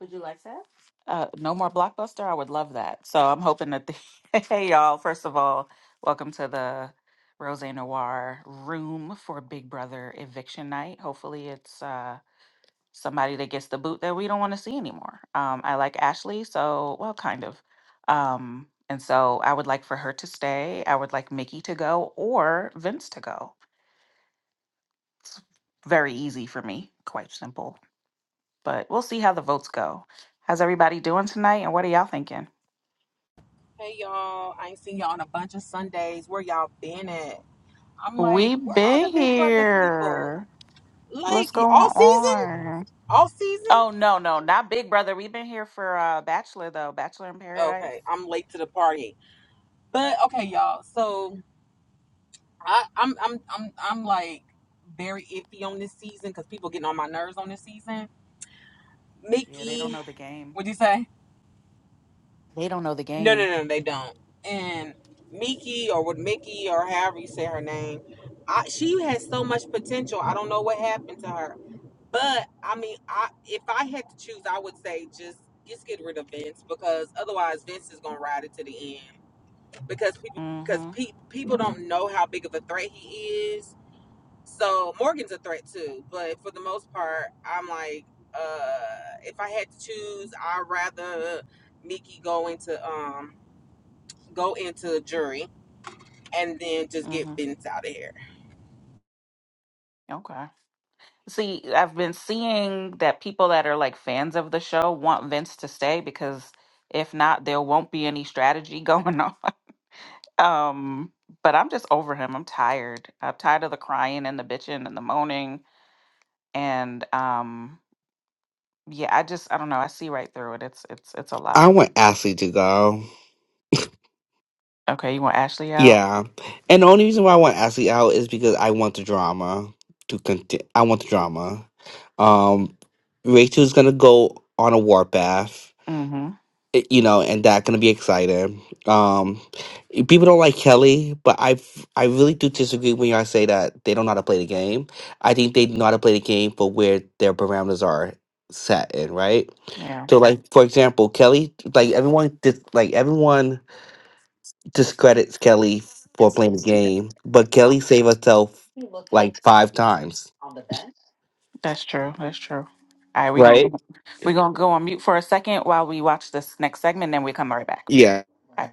Would you like that? Uh, no more blockbuster. I would love that. So I'm hoping that the hey y'all. First of all, welcome to the Rose Noir room for Big Brother eviction night. Hopefully, it's uh, somebody that gets the boot that we don't want to see anymore. Um, I like Ashley, so well, kind of. Um, and so I would like for her to stay. I would like Mickey to go or Vince to go. It's very easy for me. Quite simple but we'll see how the votes go. How's everybody doing tonight and what are y'all thinking? Hey y'all, I ain't seen y'all on a bunch of Sundays. Where y'all been at? I'm like, We where are been the big brother people? here. Like What's going all season? on? All season? Oh no, no, not Big Brother. We've been here for uh Bachelor though. Bachelor in Paradise. Okay, I'm late to the party. But okay, y'all. So I, I'm I'm I'm I'm like very iffy on this season because people getting on my nerves on this season. Yeah, they don't Mickey, know the game. what'd you say? They don't know the No, game. no, no, no, they don't. And Mickey or with Mickey or however you say her name, I, she has so much potential. I don't know what happened to her. But I mean, I if I had to choose, I would say just just get rid of Vince because otherwise Vince is gonna ride it to the end because people because Mm-hmm. pe- people don't know how big of a threat he is. So Morgan's a threat too, but for the most part, I'm like, uh, if I had to choose, I'd rather Nikki go into um go into jury and then just get Mm-hmm. Vince out of here. Okay. See, I've been seeing that people that are like fans of the show want Vince to stay because if not, there won't be any strategy going on. Um, but I'm just over him. I'm tired. I'm tired of the crying and the bitching and the moaning. And um, yeah, I just I don't know. I see right through it. It's it's it's a I lot. want Ashley to go. Okay, you want Ashley out? Yeah. And the only reason why I want Ashley out is because I want the drama to continue. I want the drama. Um, Rachel's going to go on a warpath, Mm-hmm. eh, you know, and that's going to be exciting. Um, eh, people don't like Kelly, but I I really do disagree when y'all say that they don't know how to play the game. I think they know how to play the game for where their parameters are set in, right? Yeah. So, like, for example, Kelly, like, everyone did, like, everyone. discredits Kelly for That's playing the game, but Kelly saved herself like five times, true. That's true. All right, we're gonna right? go we're gonna go on mute for a second while we watch this next segment, then we come right back. Yeah, All right.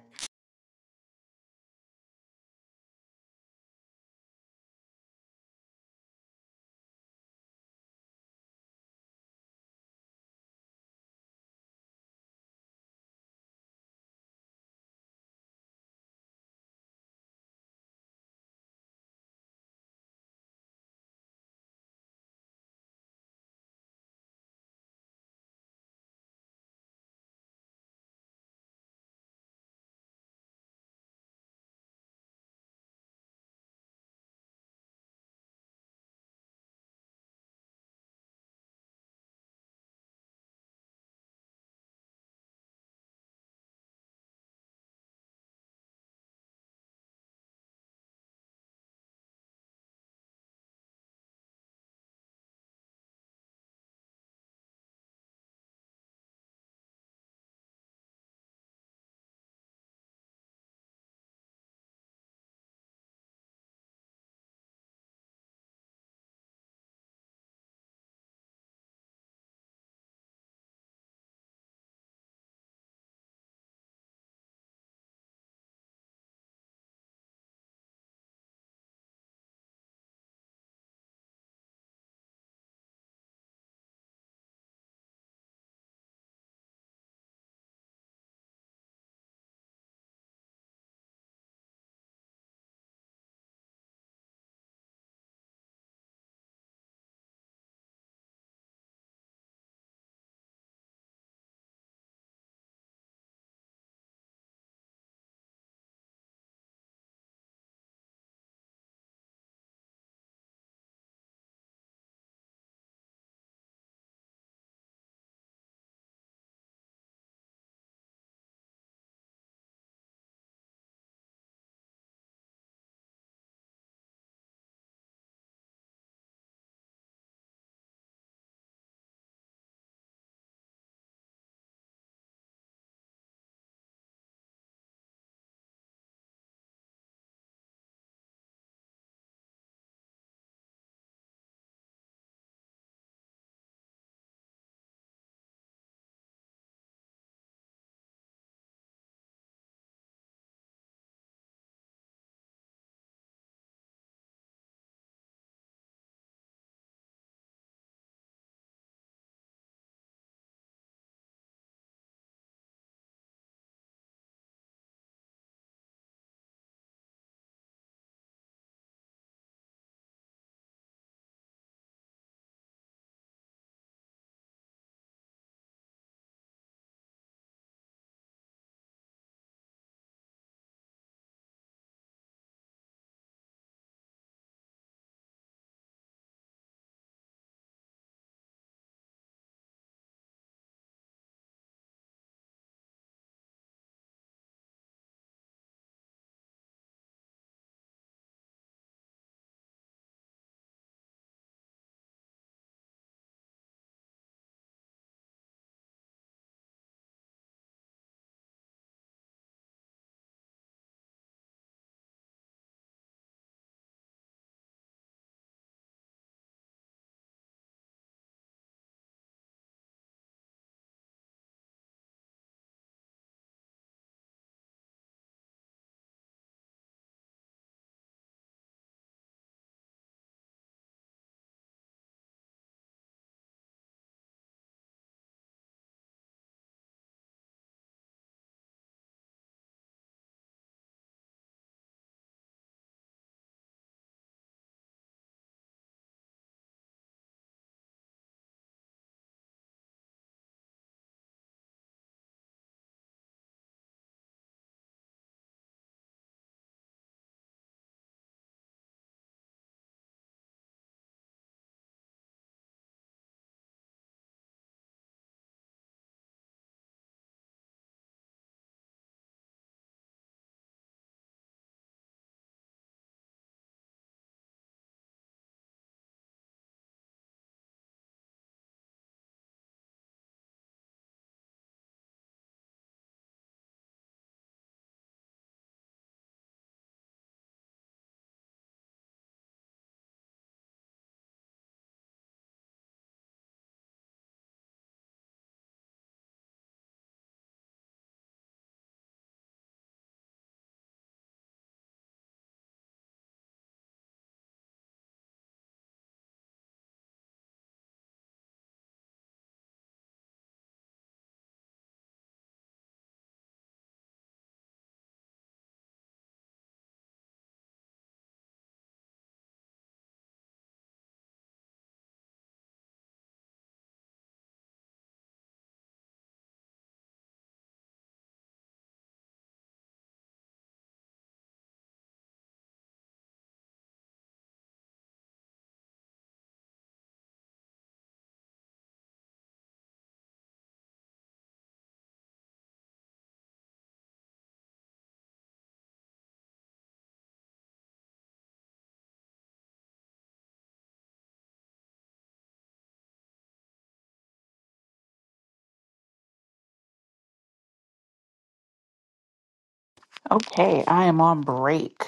Okay, I am on break.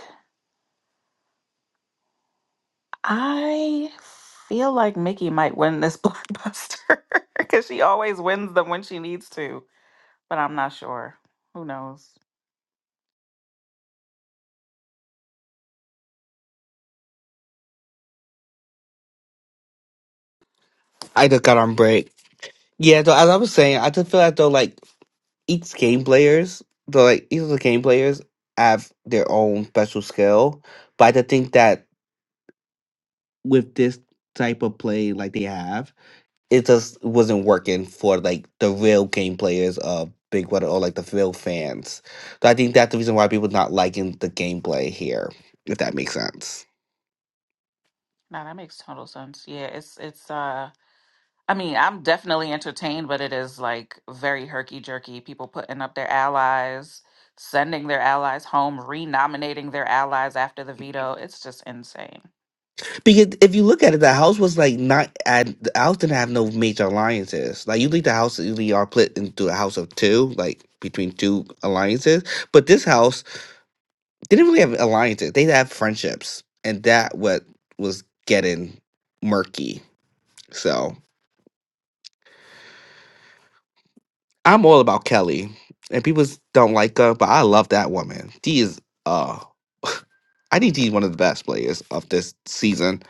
I feel like Mickey might win this blockbuster because she always wins them when she needs to, but I'm not sure. Who knows? I just got on break. Yeah, though, as I was saying, I just feel like though, like each game players, though, like each of the game players have their own special skill, but I just think that with this type of play, like they have. it just wasn't working for like the real game players of Big Brother or like the real fans. So I think that's the reason why people not liking the gameplay here, if that makes sense. No, that makes total sense. Yeah, it's it's uh I mean, I'm definitely entertained, but it is like very herky jerky. People putting up their allies, sending their allies home, renominating their allies after the veto. It's just insane. Because if you look at it, the house was like not and the house didn't have no major alliances. Like usually the house usually are split into a house of two, like between two alliances. But this house They didn't really have alliances. They had friendships, and that what was getting murky. So I'm all about Kelly, and people don't like her, but I love that woman. She is uh, I think she's one of the best players of this season.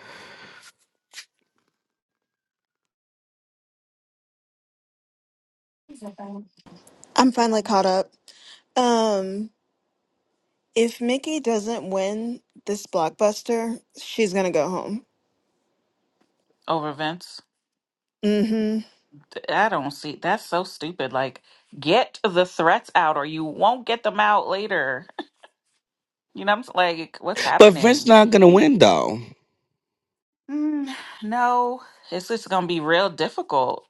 I'm finally caught up. Um, if Mickey doesn't win this blockbuster, she's gonna go home. Over Vince. Mm-hmm. Th- I don't see that's so stupid. Like, get the threats out or you won't get them out later. You know, I'm s- like, what's But Vince's happening? not gonna We- win though. Mm, no, it's just going to be real difficult.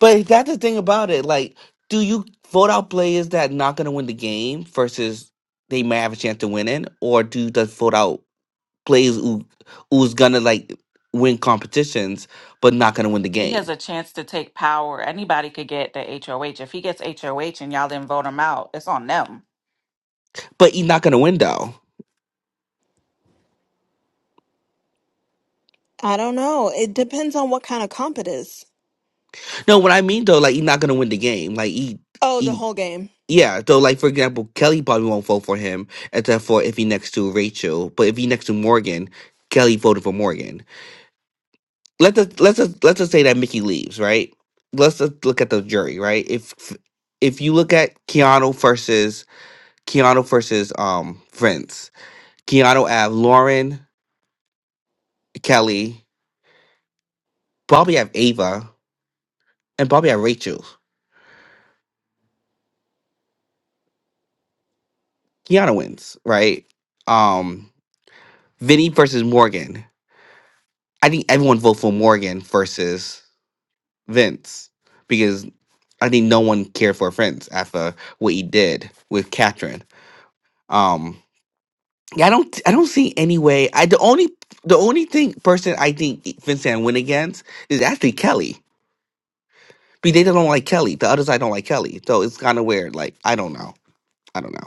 But that's the thing about it. Like, do you vote out players that not gonna win the game versus they may have a chance to win it, or do you just vote out? players who who's gonna like win competitions but not gonna win the He has game. a chance to take power. Anybody could get the HOH. If he gets HOH and y'all didn't vote him out, it's on them. But he's not gonna win though. I don't know. It depends on what kind of comp it is. No, what I mean though, like he's not gonna win the game. Like he, Oh, the he whole game. yeah. So like for example, Kelly probably won't vote for him except for if he next to Rachel. But if he next to Morgan, Kelly voted for Morgan. Let's just, let's just, let's just say that Mickey leaves, right? Let's just look at the jury, right? If if you look at Keanu versus Keanu versus um friends, Keanu have Lauren, Kelly. Bobby have Ava and Bobby have Rachel. Kiana wins, right? Um, Vinny versus Morgan. I think everyone vote for Morgan versus Vince because I think no one cared for Vince after what he did with Catherine. Um, yeah, I don't, I don't see any way. I the only, the only thing person I think Vince can win against is actually Kelly. Because they don't like Kelly. The others I don't like Kelly. So it's kind of weird. Like I don't know. I don't know.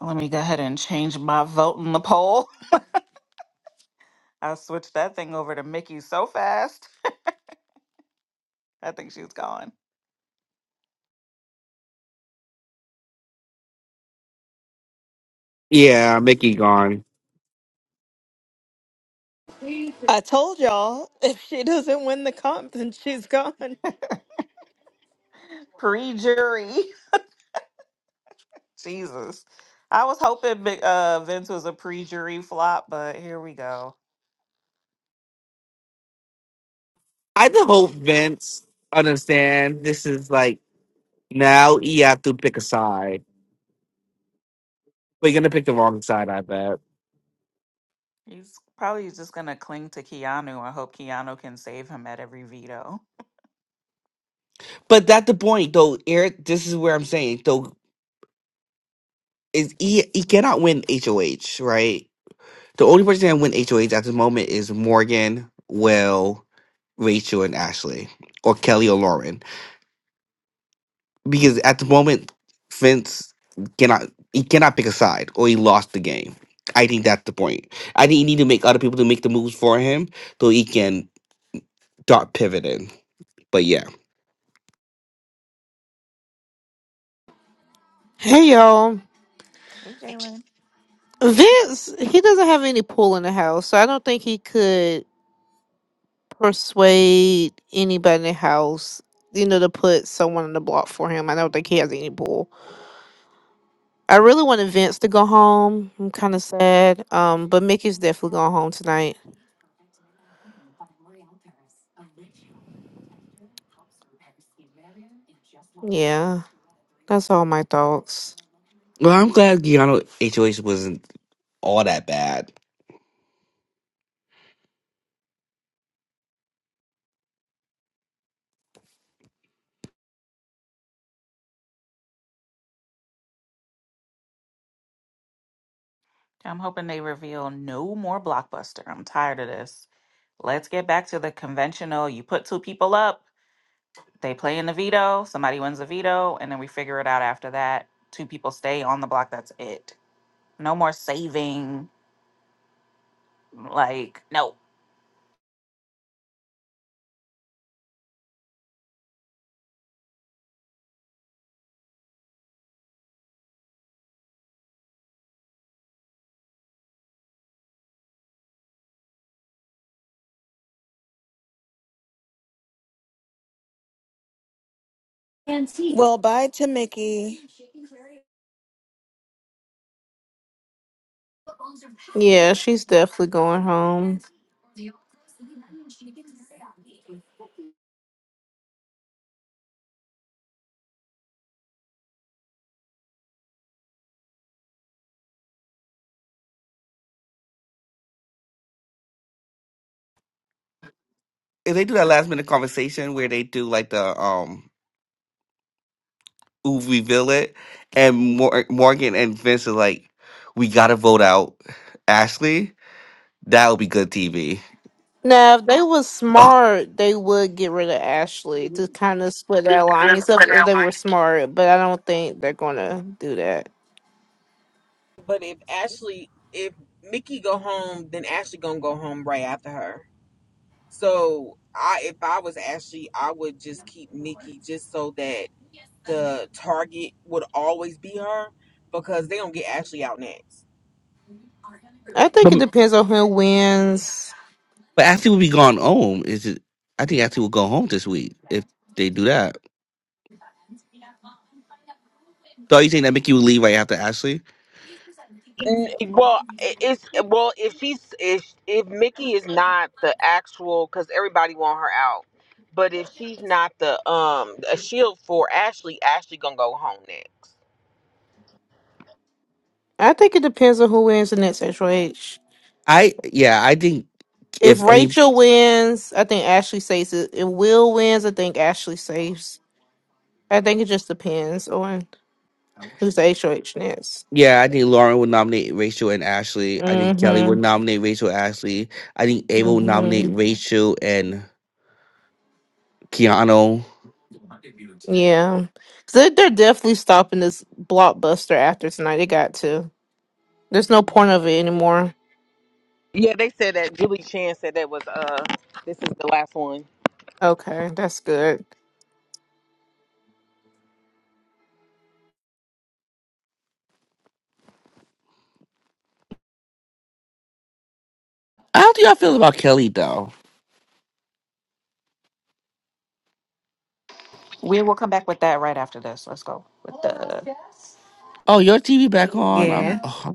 Let me go ahead and change my vote in the poll. I switched that thing over to Mickey so fast. I think she's gone. Yeah, Mickey gone. I told y'all, if she doesn't win the comp, then she's gone. Pre jury. Jesus. I was hoping Big- uh, Vince was a pre-jury flop, but here we go. I just hope Vince understand this is like now you have to pick a side, but you're gonna pick the wrong side, I bet. He's probably just gonna cling to Keanu. I hope Keanu can save him at every veto. But that's the point, though, Eric. This is where I'm saying, though, is he he cannot win HOH, right? The only person that can win HOH at this moment is Morgan, Will, Rachel, and Ashley, or Kelly or Lauren. because at the moment Vince cannot he cannot pick a side or he lost the game. I think that's the point. I think you need to make other people to make the moves for him so he can start pivoting. But yeah. Hey y'all. Hey, Jalen. Vince, he doesn't have any pull in the house, so I don't think he could persuade anybody in the house, you know, to put someone on the block for him. I don't think he has any pull. I really wanted Vince to go home. I'm kind of sad. Um, but Mickey's definitely going home tonight. Yeah, that's all my thoughts. Well, I'm glad Giano HOH wasn't all that bad. I'm hoping they reveal no more blockbuster. I'm tired of this. Let's get back to the conventional. You put two people up, they play in the veto, somebody wins the veto, and then we figure it out after that. Two people stay on the block. That's it. No more saving. Like, no. Well, bye to Mickey. Yeah, she's definitely going home. If they do that last minute conversation where they do like the um ooh reveal it and Mor- Morgan and Vince are like, we gotta vote out Ashley, that would be good TV. Now, if they was Oh. smart, they would get rid of Ashley to kind of split that alliance up if they were smart, but I don't think they're gonna do that. But if Ashley, if Mickey go home, then Ashley gonna go home right after her. So I if I was Ashley, I would just keep Nikki just so that the target would always be her because they don't get Ashley out next. I think it depends on who wins. But Ashley will be gone home. Is it? I think Ashley will go home this week if they do that. So are you think that Mickey will leave right after Ashley? N- Well, i- it's well if she's if if Mickey is not the actual because everybody want her out, but if she's not the um a shield for Ashley, Ashley gonna go home next. I think it depends on who wins the next Rachel H. I yeah, I think If if any Rachel wins, I think Ashley saves it. If Will wins, I think Ashley saves. I think it just depends on who's the HOH next. yeah, I think Lauren would nominate Rachel and Ashley. I think Kelly Mm-hmm. would nominate Rachel and Ashley. I think Ava would Mm-hmm. nominate Rachel and Keanu. Yeah, they they're they're definitely stopping this blockbuster after tonight. They got to. There's no point of it anymore. Yeah, they said that. Julie Chan said that was uh this is the last one. Okay, that's good. How do y'all feel about Kelly though? We will come back with that right after this. Let's go with the. Oh, your TV back on? I'm Yeah. oh,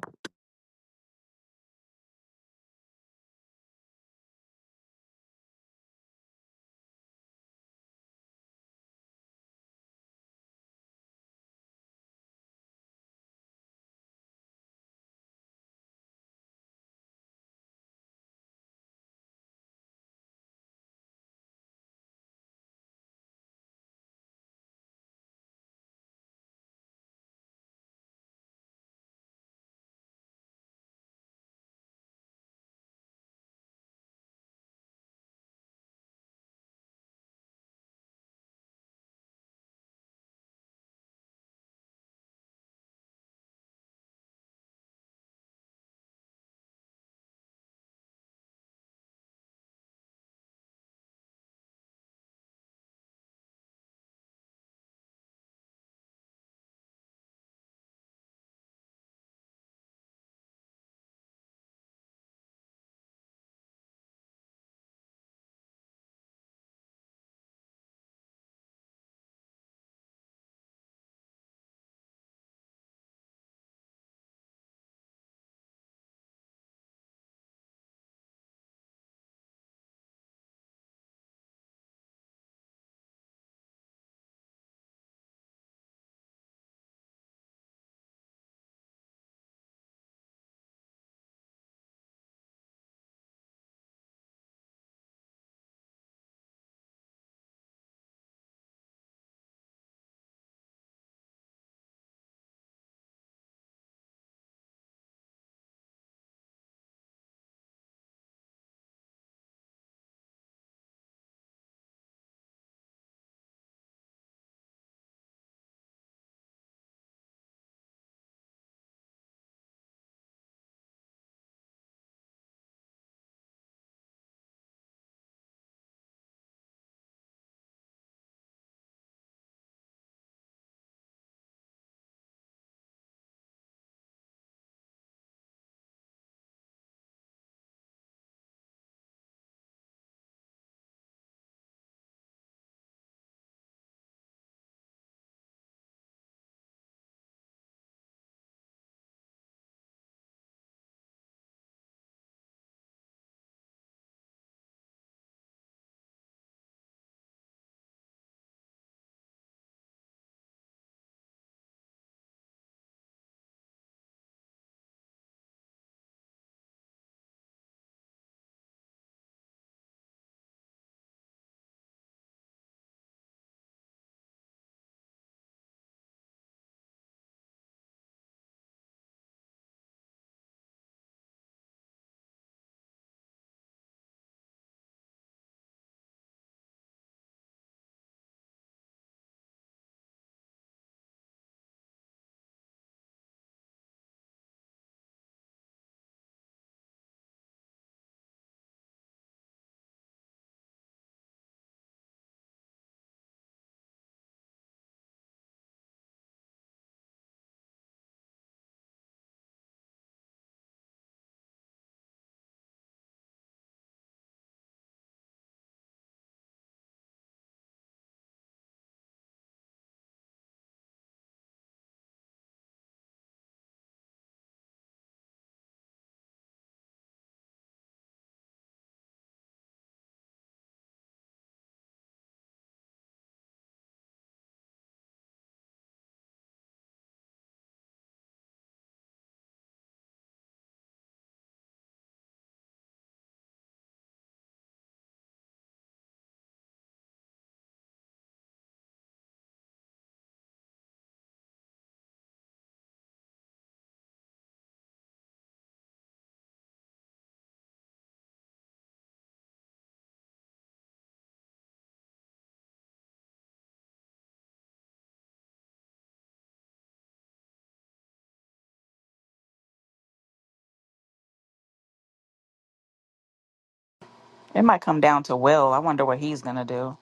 It might come down to Will. I wonder what he's gonna do.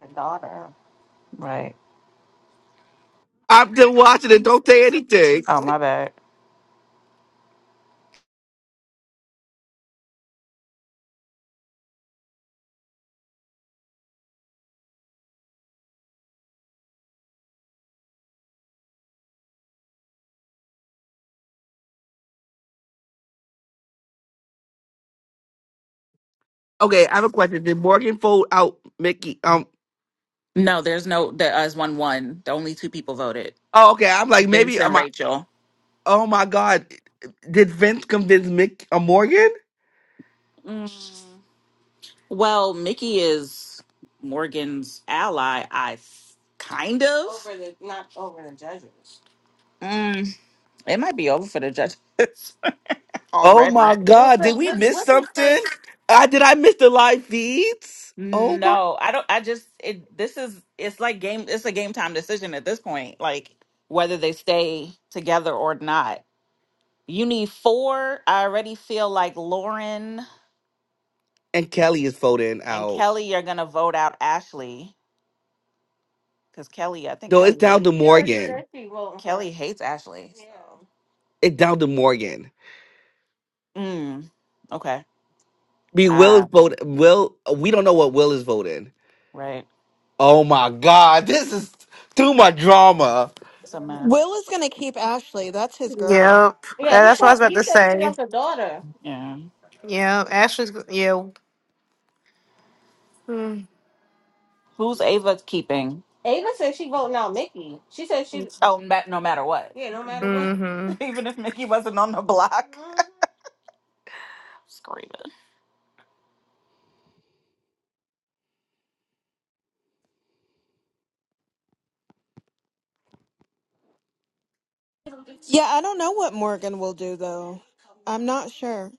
The daughter. Right. I'm just watching it. Don't say anything. Oh my bad. Okay, I have a question. Did Morgan fold out Mickey? Um. No, there's no. There is one one. The only two people voted. Oh, okay. I'm like Vince maybe. and I'm. a- Rachel. Oh my God. Did Vince convince Mick uh, Morgan? Mm. Well, Mickey is Morgan's ally. I th- kind of. Mm, it might be over for the judges Oh already. my God. Did we miss something? Uh, did I miss the live feeds? Oh my. No, I don't. I just it. This is it's like game. It's a game time decision at this point. Like whether they stay together or not. You need four. I already feel like Lauren And Kelly is folding and out. Kelly are gonna vote out Ashley because Kelly. I think No, it's Kelly down hates. to She already said Morgan. she will. Kelly hates Ashley. so- It's down to Morgan. Yeah. Mm. Okay. Be Will is Ah. voting. Will. We don't know what Will is voting. Right. Oh my God. This is too much drama. It's a mess. Will is gonna keep Ashley. That's his Yep, girl. Uh, Yeah. He that's what I was thought about he to said she say. has a daughter. Yeah, Ashley's. go- Yeah. Who's Ava keeping? Ava said she voting out Mickey. She said she, Mm-hmm. Oh, ma- no matter what. yeah, no matter what. Even if Mickey wasn't on the block. Mhm. Screaming. Yeah, I don't know what Morgan will do though. I'm not sure.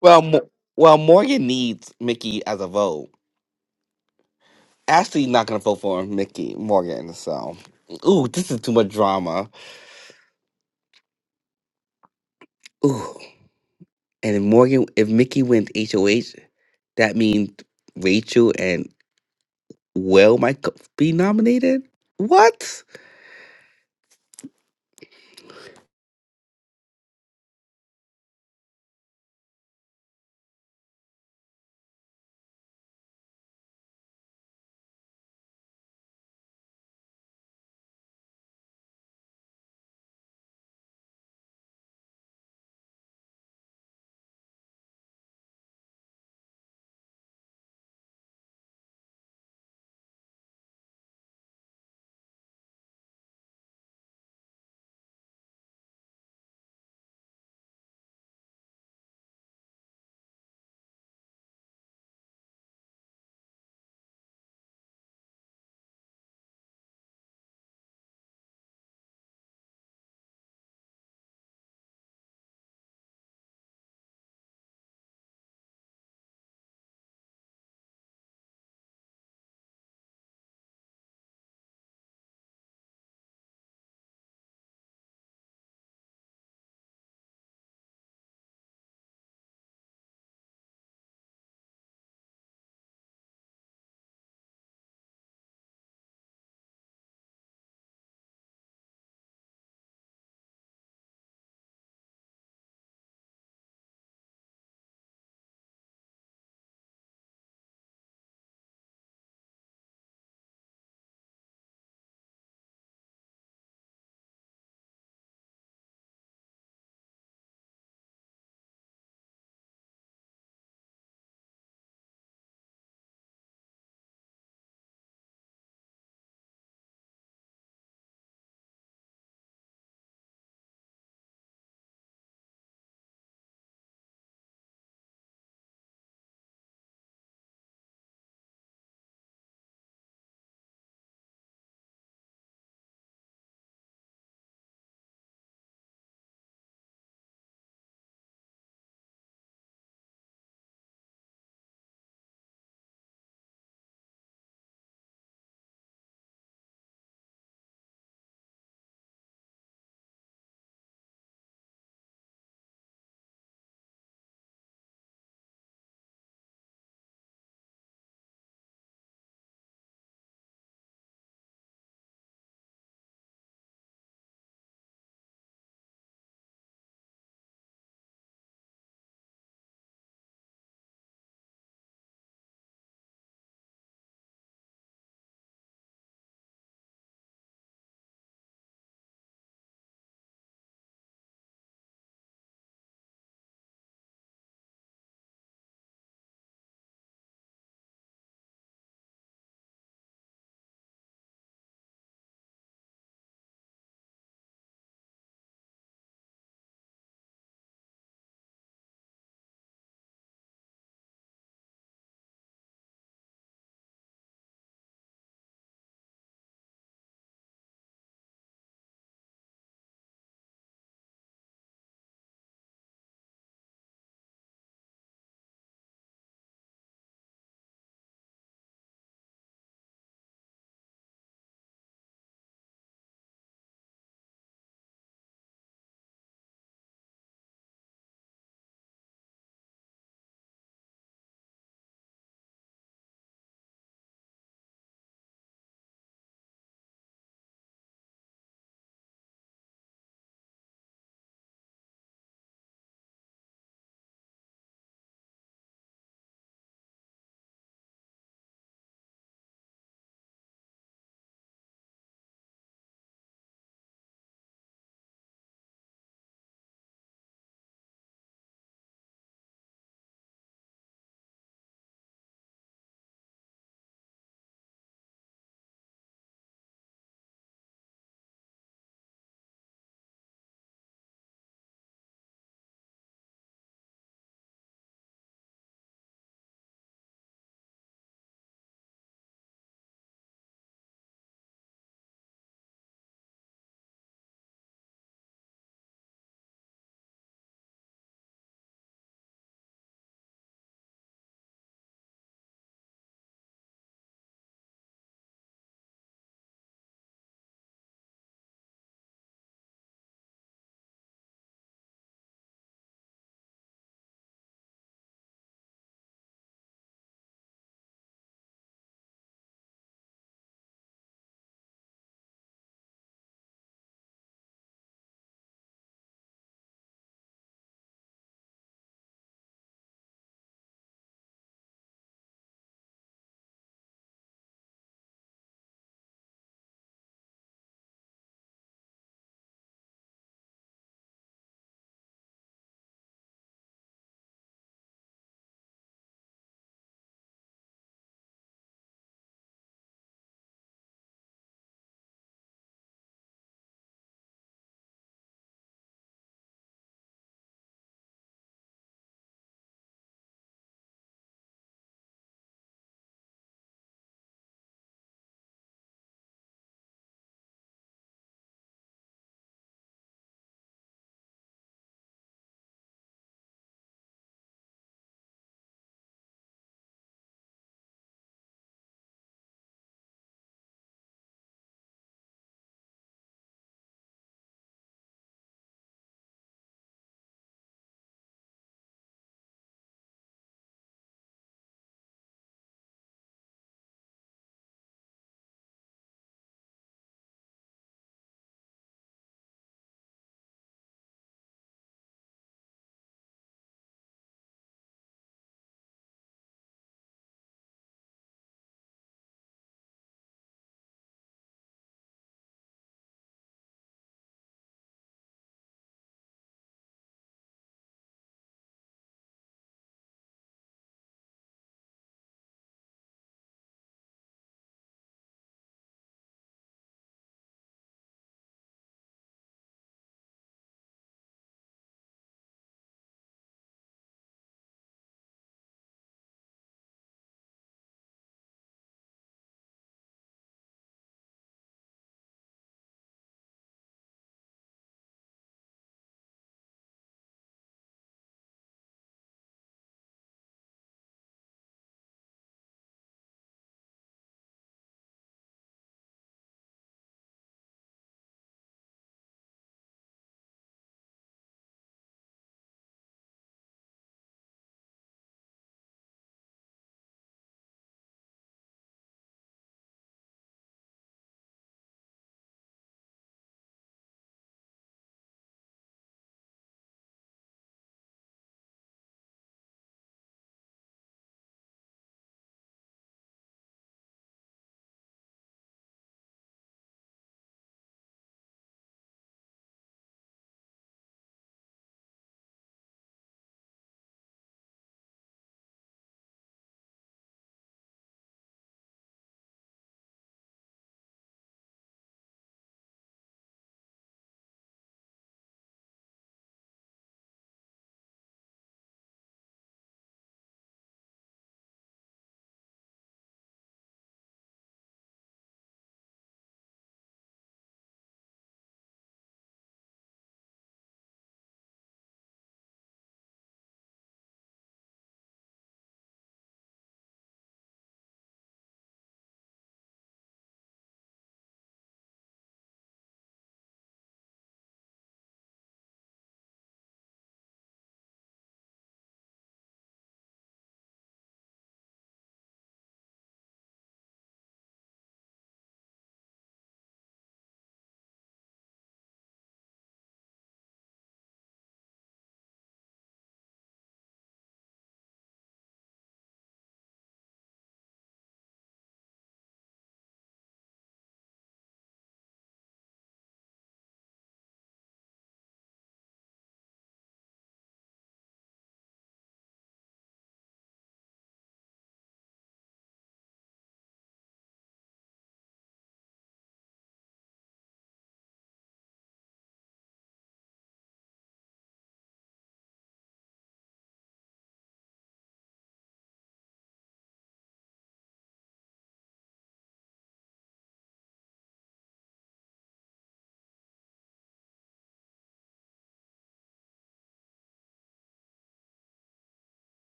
Well, Mo- well, Morgan needs Mickey as a vote. Ashley's not gonna vote for Mickey Morgan. So, ooh, this is too much drama. Ooh, and if Morgan, if Mickey wins HOH, that means Rachel and Will might co- be nominated. What?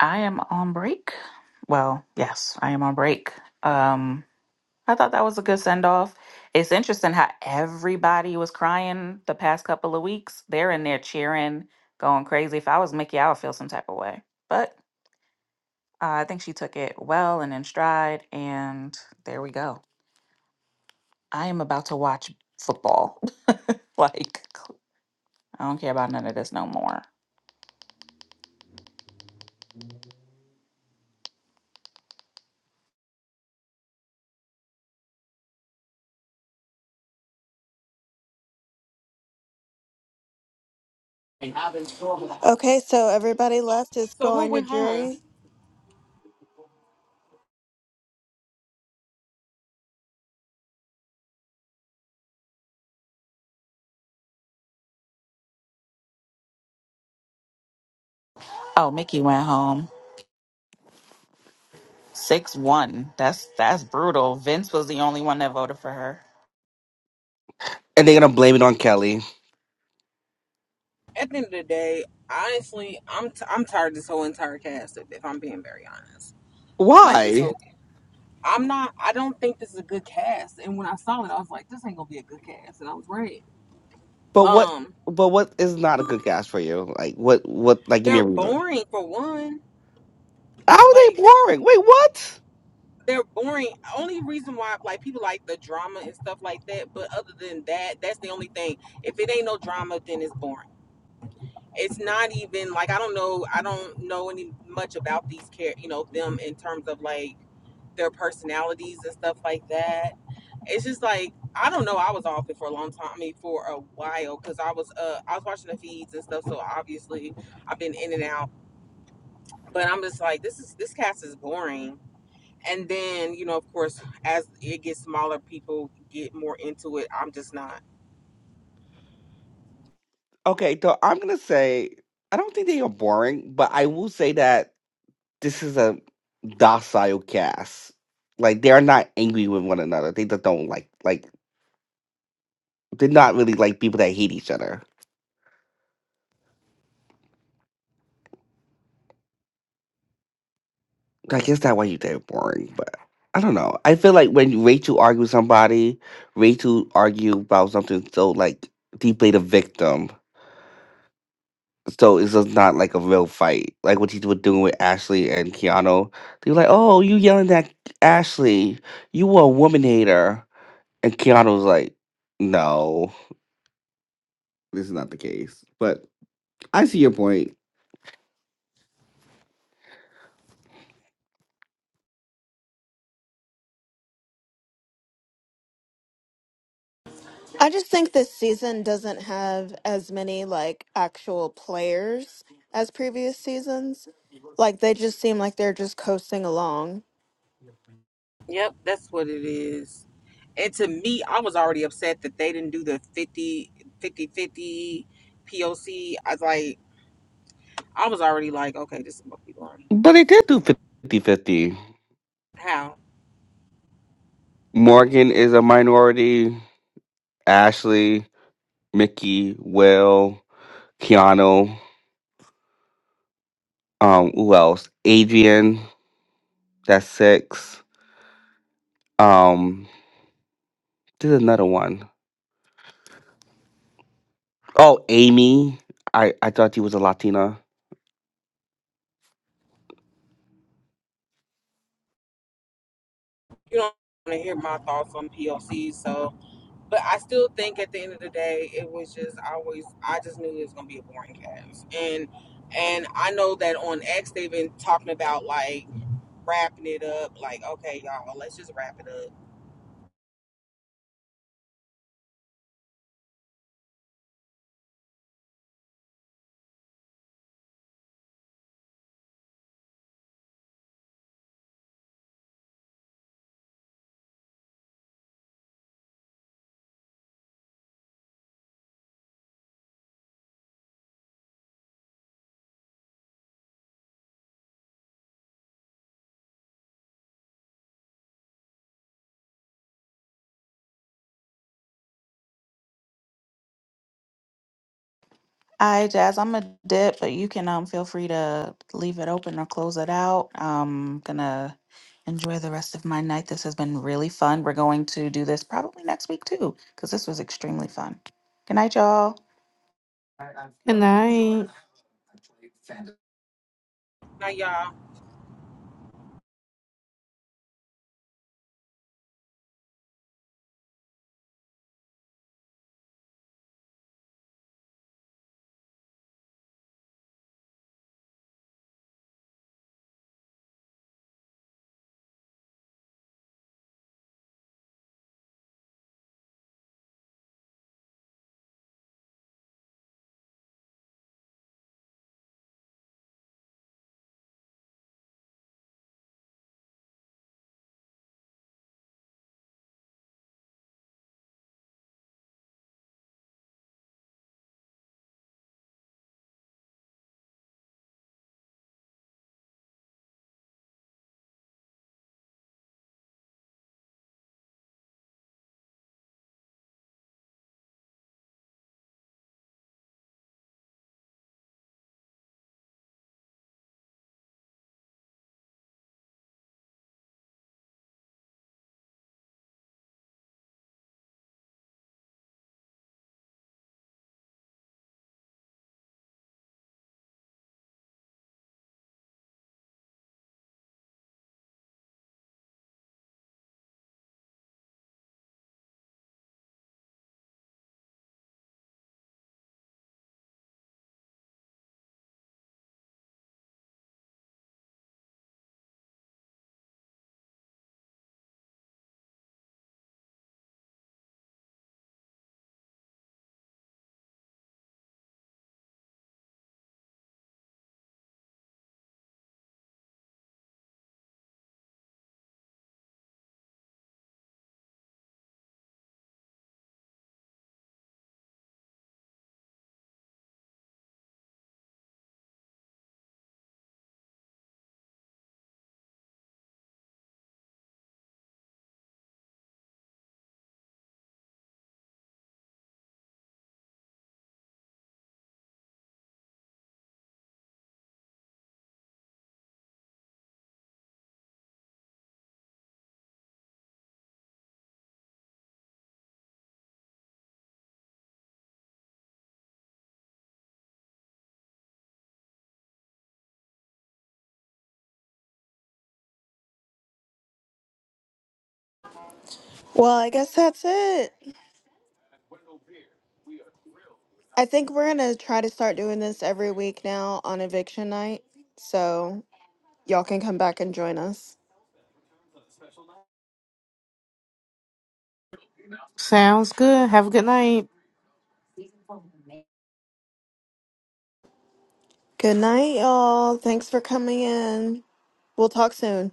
I am on break. Well, yes, I am on break. Um, I thought that was a good send off. It's interesting how everybody was crying the past couple of weeks. They're in there cheering, going crazy. If I was Mickey, I would feel some type of way. But uh, I think she took it well and in stride, and there we go. I am about to watch football. like, I don't care about none of this no more. Okay, so everybody left is So who going to went home? jury. Oh, Mickey went home. 6 1. That's that's brutal. Vince was the only one that voted for her. And they're gonna blame it on Kelly. At the end of the day, honestly, I'm t- I'm tired of this whole entire cast. If, if I'm being very honest, like this Why? whole, I'm not. I don't think this is a good cast. And when I saw it, I was like, this ain't gonna be a good cast, and I was right. But what? Um, But what is not a good cast for you? Like what? What? Like, give me they're a reason. boring for one. How are they Like boring? Wait, what? they're boring. Only reason why like people like the drama and stuff like that. But other than that, that's the only thing. If it ain't no drama, then it's boring. it's not even like I don't know I don't know any much about these care you know them in terms of like their personalities and stuff like that. It's just like I don't know. I was off it for a long time. I mean, for a while because I was uh I was watching the feeds and stuff. So obviously I've been in and out. But I'm just like this is this cast is boring. And then you know of course as it gets smaller, people get more into it. I'm just not. Okay, so I'm gonna say I don't think they are boring, but I will say that this is a docile cast. Like they are not angry with one another. They just don't like like they're not really like people that hate each other. I guess that's why you say boring, but I don't know. I feel like when Rachel argues with somebody, Rachel argue about something so like deeply the victim. So it's just not like a real fight, like what he was doing with Ashley and Keanu. They were like, "Oh, you yelling at Ashley? You a woman hater." And Keanu was like, "No, this is not the case." But I see your point. I just think this season doesn't have as many like actual players as previous seasons. Like they just seem like they're just coasting along. Yep, that's what it is. and to me i was already upset that they didn't do the fifty-fifty-fifty 50 poc i was like i was already like okay this is what we learn But they did do fifty-fifty. how Morgan is a minority. Ashley, Mickey, Will, Keanu. Um, who else? Adrian. That's six. Um, there's another one. Oh, Amy. I I thought he was a Latina. you don't want to hear my thoughts on poc so but i still think at the end of the day it was just I always i just knew it was going to be a boring cast and and i know that on x they've been talking about like wrapping it up like okay y'all let's just wrap it up All right, Jazz, I'm a dip, but you can um feel free to leave it open or close it out. I'm gonna enjoy the rest of my night. This has been really fun. We're going to do this probably next week too, because this was extremely fun. Good night, y'all. Good night. now y'all Well, I guess that's it. I think we're going to try to start doing this every week now on eviction night. So y'all can come back and join us. Sounds good. Have a good night. Good night, y'all. Thanks for coming in. We'll talk soon.